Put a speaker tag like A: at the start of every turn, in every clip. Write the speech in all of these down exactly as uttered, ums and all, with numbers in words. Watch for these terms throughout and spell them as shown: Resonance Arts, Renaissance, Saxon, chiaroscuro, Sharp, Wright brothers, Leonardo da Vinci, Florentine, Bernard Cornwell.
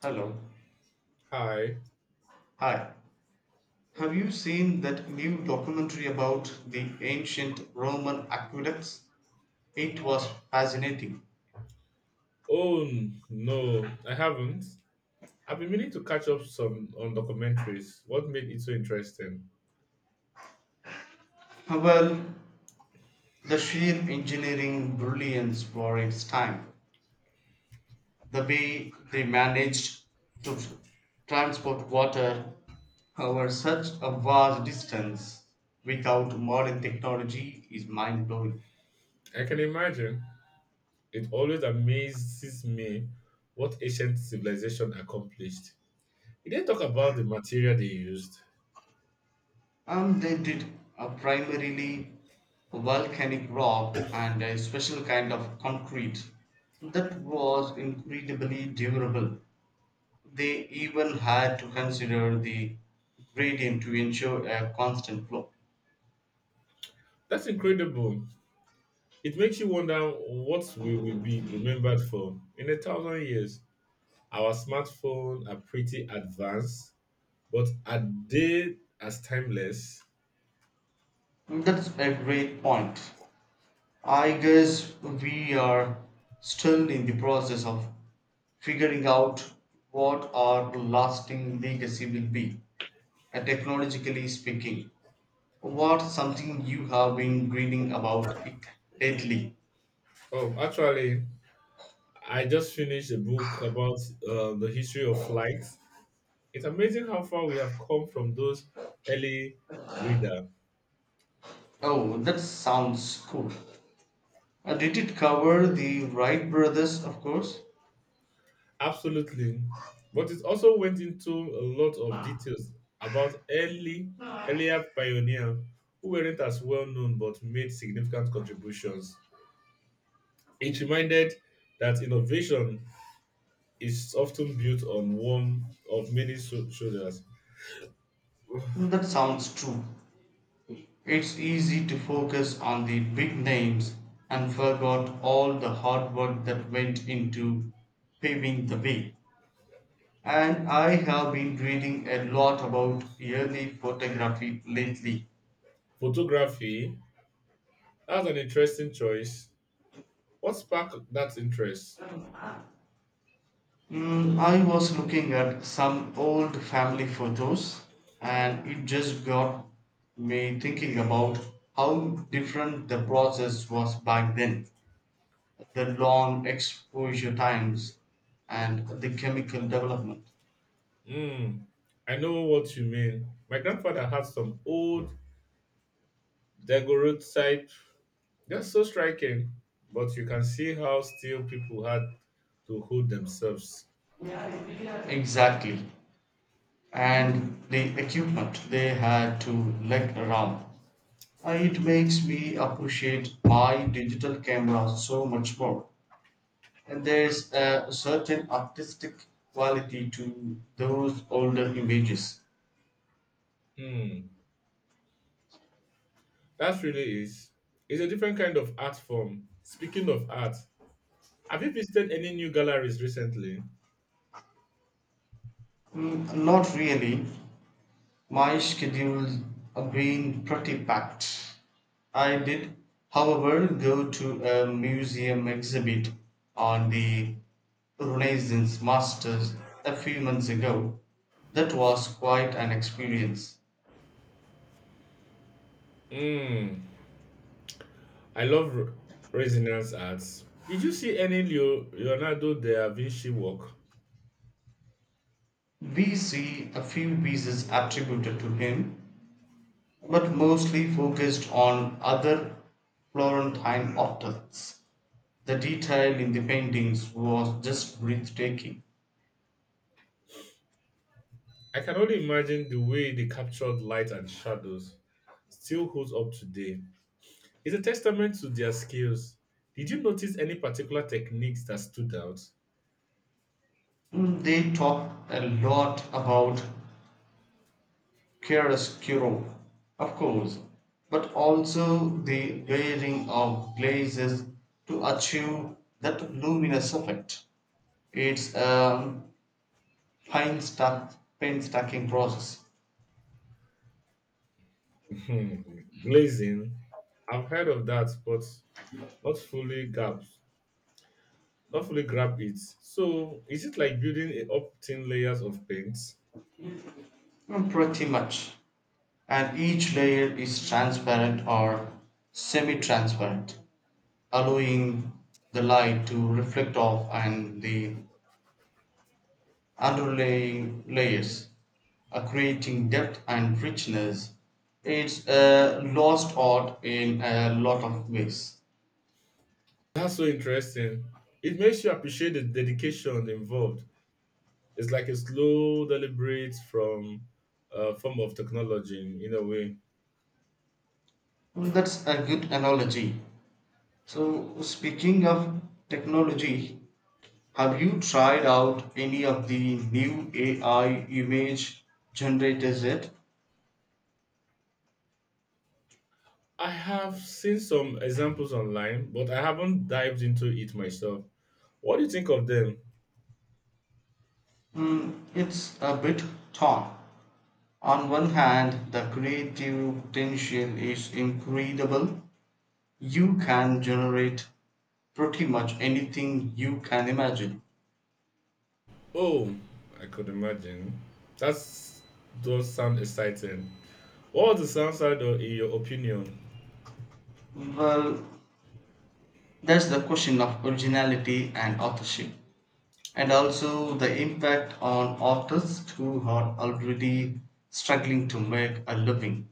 A: Hello.
B: Hi.
A: Hi. Have you seen that new documentary about the ancient Roman aqueducts? It was fascinating.
B: Oh n- no, I haven't. I've been meaning to catch up some on documentaries. What made it so interesting?
A: Well, the sheer engineering brilliance for its time, the way they managed to transport water over such a vast distance without modern technology is mind blowing.
B: I can imagine. It always amazes me what ancient civilization accomplished. It didn't talk about the material they used.
A: And they did a primarily volcanic rock and a special kind of concrete that was incredibly durable. They even had to consider the gradient to ensure a constant flow.
B: That's incredible. It makes you wonder what we will be remembered for in a thousand years. Our smartphones are pretty advanced, but are they as timeless?
A: That's a great point. I guess we are still in the process of figuring out what our lasting legacy will be, uh, technologically speaking. What's something you have been reading about it lately?
B: Oh, actually, I just finished a book about uh, the history of flight. It's amazing how far we have come from those early breeder.
A: Oh, that sounds cool. Uh, did it cover the Wright brothers, of course?
B: Absolutely, but it also went into a lot of details about early earlier pioneer who weren't as well known but made significant contributions. It reminded that innovation is often built on one of many shou- shoulders.
A: That sounds true. It's easy to focus on the big names and forgot all the hard work that went into paving the way. And I have been reading a lot about early photography lately.
B: Photography, that's an interesting choice. What sparked that interest?
A: Mm, I was looking at some old family photos and it just got me thinking about how different the process was back then. The long exposure times and the chemical development.
B: Hmm, I know what you mean. My grandfather had some old daguerreotype. They're so striking, but you can see how still people had to hold themselves.
A: Exactly. And the equipment they had to lug around. Uh, It makes me appreciate my digital camera so much more. And there's a certain artistic quality to those older images.
B: Hmm, that really is. It's a different kind of art form. Speaking of art, have you visited any new galleries recently?
A: Mm, Not really. My schedules have been pretty packed. I did, however, go to a museum exhibit on the Renaissance masters a few months ago. That was quite an experience.
B: Hmm, I love re- Resonance Arts. Did you see any Leo- Leonardo da Vinci work?
A: We see a few pieces attributed to him, but mostly focused on other Florentine artists. The detail in the paintings was just breathtaking.
B: I can only imagine the way they captured light and shadows still holds up today. It's a testament to their skills. Did you notice any particular techniques that stood out?
A: Mm, They talked a lot about chiaroscuro, of course, but also the layering of glazes to achieve that luminous effect. It's a painstack- painstaking process.
B: Hmm, glazing. I've heard of that, but not fully grabbed. Not fully grab it. So is it like building a- up thin layers of paint?
A: Mm, Pretty much. And each layer is transparent or semi transparent, allowing the light to reflect off and the underlying layers, uh, creating depth and richness. It's a lost art in a lot of ways.
B: That's so interesting. It makes you appreciate the dedication involved. It's like a slow, deliberate from uh, form of technology in a way.
A: That's a good analogy. So, speaking of technology, have you tried out any of the new A I image generators yet?
B: I have seen some examples online, but I haven't dived into it myself. What do you think of them?
A: Mm, it's a bit torn. On one hand, the creative potential is incredible. You can generate pretty much anything you can imagine.
B: Oh, I could imagine. That does sound exciting. What was the downside, of- in your opinion?
A: Well, that's the question of originality and authorship, and also the impact on authors who are already struggling to make a living.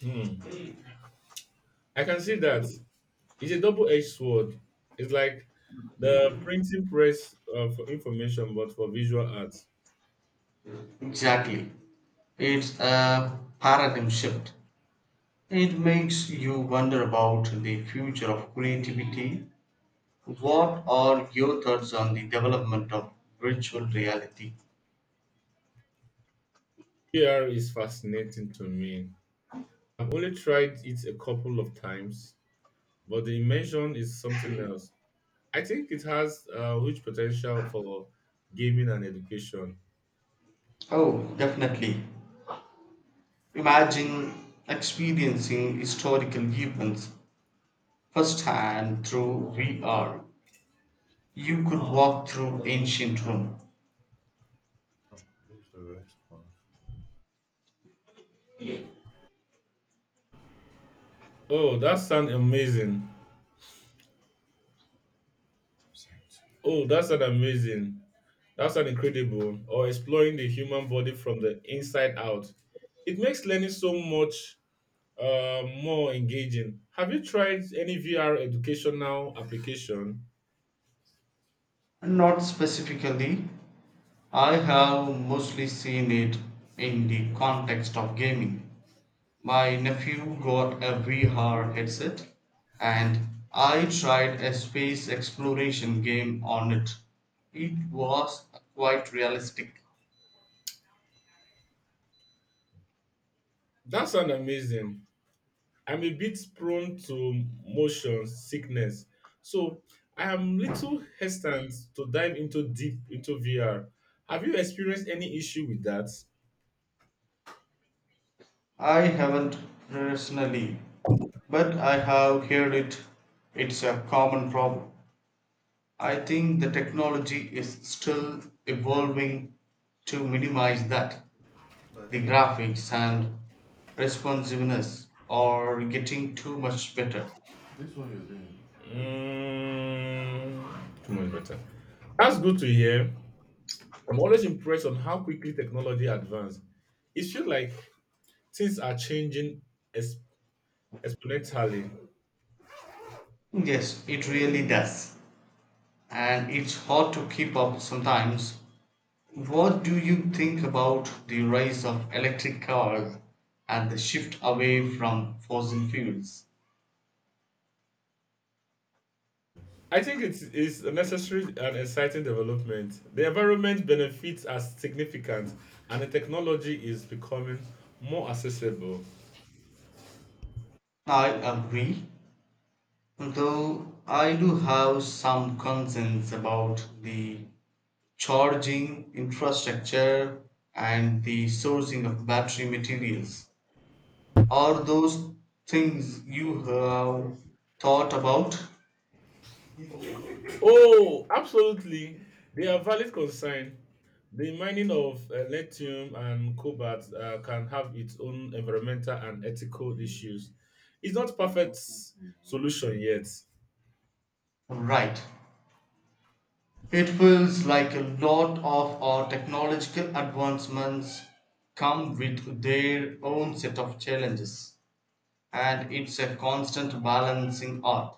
B: Hmm. I can see that it's a double-edged sword. It's like the printing press uh, for information, but for visual arts.
A: Exactly. It's a paradigm shift. It makes you wonder about the future of creativity. What are your thoughts on the development of virtual reality?
B: P R is fascinating to me. I've only tried it a couple of times, but the invention is something else. I think it has uh, huge potential for gaming and education.
A: Oh, definitely. Imagine experiencing historical events firsthand through V R. You could walk through ancient Rome.
B: Oh, that sounds amazing. Oh, that sounds amazing. That sounds incredible. Or exploring the human body from the inside out. It makes learning so much uh, more engaging. Have you tried any V R educational application?
A: Not specifically, I have mostly seen it in the context of gaming. My nephew got a V R headset, and I tried a space exploration game on it. It was quite realistic.
B: That sounds amazing. I'm a bit prone to motion sickness, so I am little hesitant to dive into deep into V R. Have you experienced any issue with that?
A: I haven't personally, but I have heard it. It's a common problem. I think the technology is still evolving to minimize that. The graphics and responsiveness are getting too much better.
B: Mm, too much better. That's good to hear. I'm always impressed on how quickly technology advances. It feels like things are changing ex- exponentially.
A: Yes, it really does. And it's hard to keep up sometimes. What do you think about the rise of electric cars and the shift away from fossil fuels?
B: I think it is a necessary and exciting development. The environment benefits are significant, and the technology is becoming more accessible.
A: I agree, though I do have some concerns about the charging infrastructure and the sourcing of battery materials. Are those things you have thought about?
B: Oh, absolutely. They are valid concern. The mining of uh, lithium and cobalt uh, can have its own environmental and ethical issues. It's not perfect solution yet.
A: Right. It feels like a lot of our technological advancements come with their own set of challenges, and it's a constant balancing art.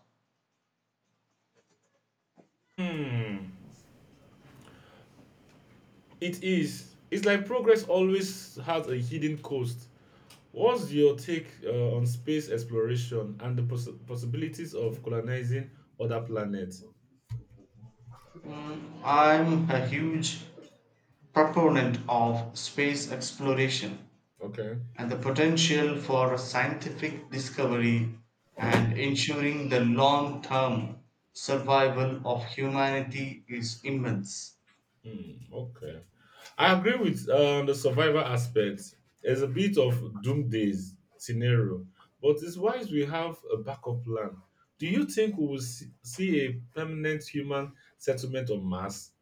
B: Hmm. It is. It's like progress always has a hidden cost. What's your take uh, on space exploration and the poss- possibilities of colonizing other planets?
A: Mm, I'm a huge proponent of space exploration
B: Okay.
A: and the potential for scientific discovery and ensuring the long term survival of humanity is immense.
B: Hmm, okay. I agree with uh, the survivor aspect. There's a bit of doomsday scenario, but it's wise we have a backup plan. Do you think we will see see a permanent human settlement on Mars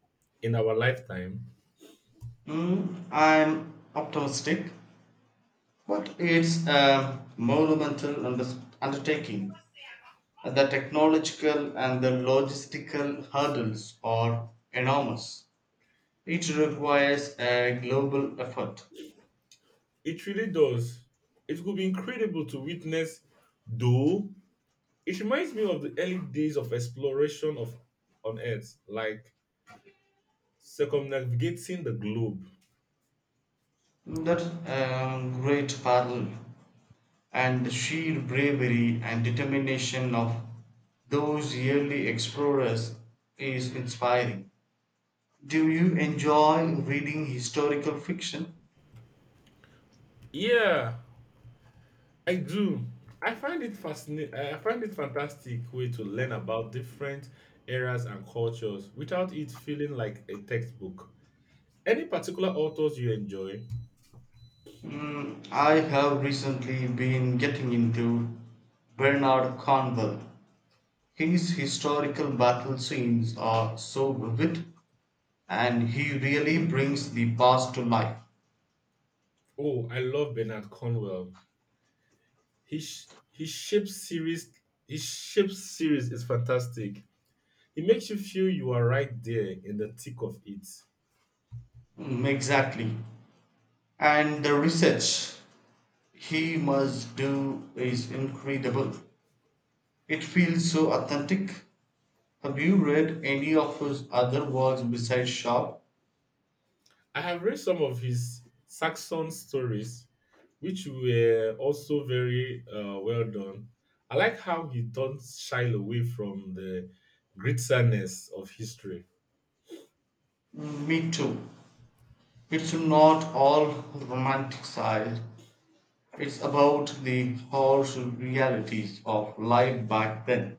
B: in our lifetime?
A: Mm, I'm optimistic. But it's a monumental under- undertaking. The technological and the logistical hurdles are enormous. It requires a global effort.
B: It really does. It would be incredible to witness, though it reminds me of the early days of exploration of on Earth, like circumnavigating the globe.
A: That's a great parallel. And the sheer bravery and determination of those early explorers is inspiring. Do you enjoy reading historical fiction?
B: Yeah, I do. I find it fascinating. I find it fantastic way to learn about different eras and cultures without it feeling like a textbook. Any particular authors you enjoy?
A: Mm, I have recently been getting into Bernard Cornwell. His historical battle scenes are so vivid and he really brings the past to life.
B: Oh, I love Bernard Cornwell. His sh- his shape series his shape series is fantastic. It makes you feel you are right there in the thick of it.
A: Mm, exactly. And the research he must do is incredible. It feels so authentic. Have you read any of his other works besides Sharp?
B: I have read some of his Saxon stories, which were also very uh, well done. I like how he don't shy away from the grittiness of history.
A: Mm, Me too. It's not all romanticized. It's about the harsh realities of life back then.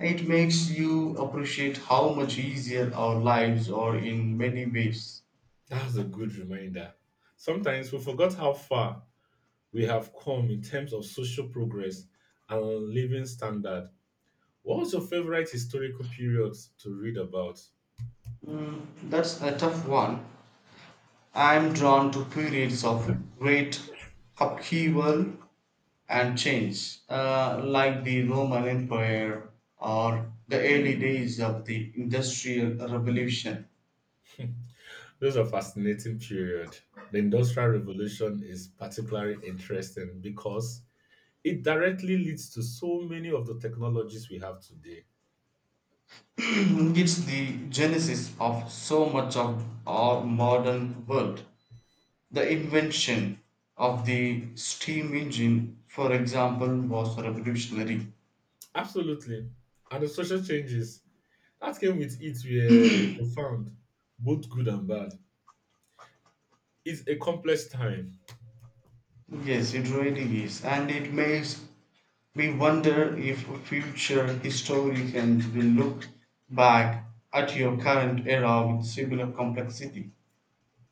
A: It makes you appreciate how much easier our lives are in many ways.
B: That was a good reminder. Sometimes we forgot how far we have come in terms of social progress and living standard. What was your favorite historical period to read about?
A: That's a tough one. I'm drawn to periods of great upheaval and change, uh, like the Roman Empire or the early days of the Industrial Revolution.
B: Those are fascinating period. The Industrial Revolution is particularly interesting because it directly leads to so many of the technologies we have today.
A: It's the genesis of so much of our modern world. The invention of the steam engine, for example, was revolutionary.
B: Absolutely. And the social changes that came with it were profound, both good and bad. It's a complex time.
A: Yes, it really is, and it makes me wonder if future historians will look back at your current era with similar complexity.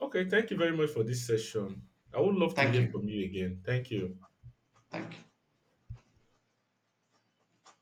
B: Okay, thank you very much for this session. I would love to
A: Thank
B: hear
A: you.
B: from you again. Thank you.
A: Thank you.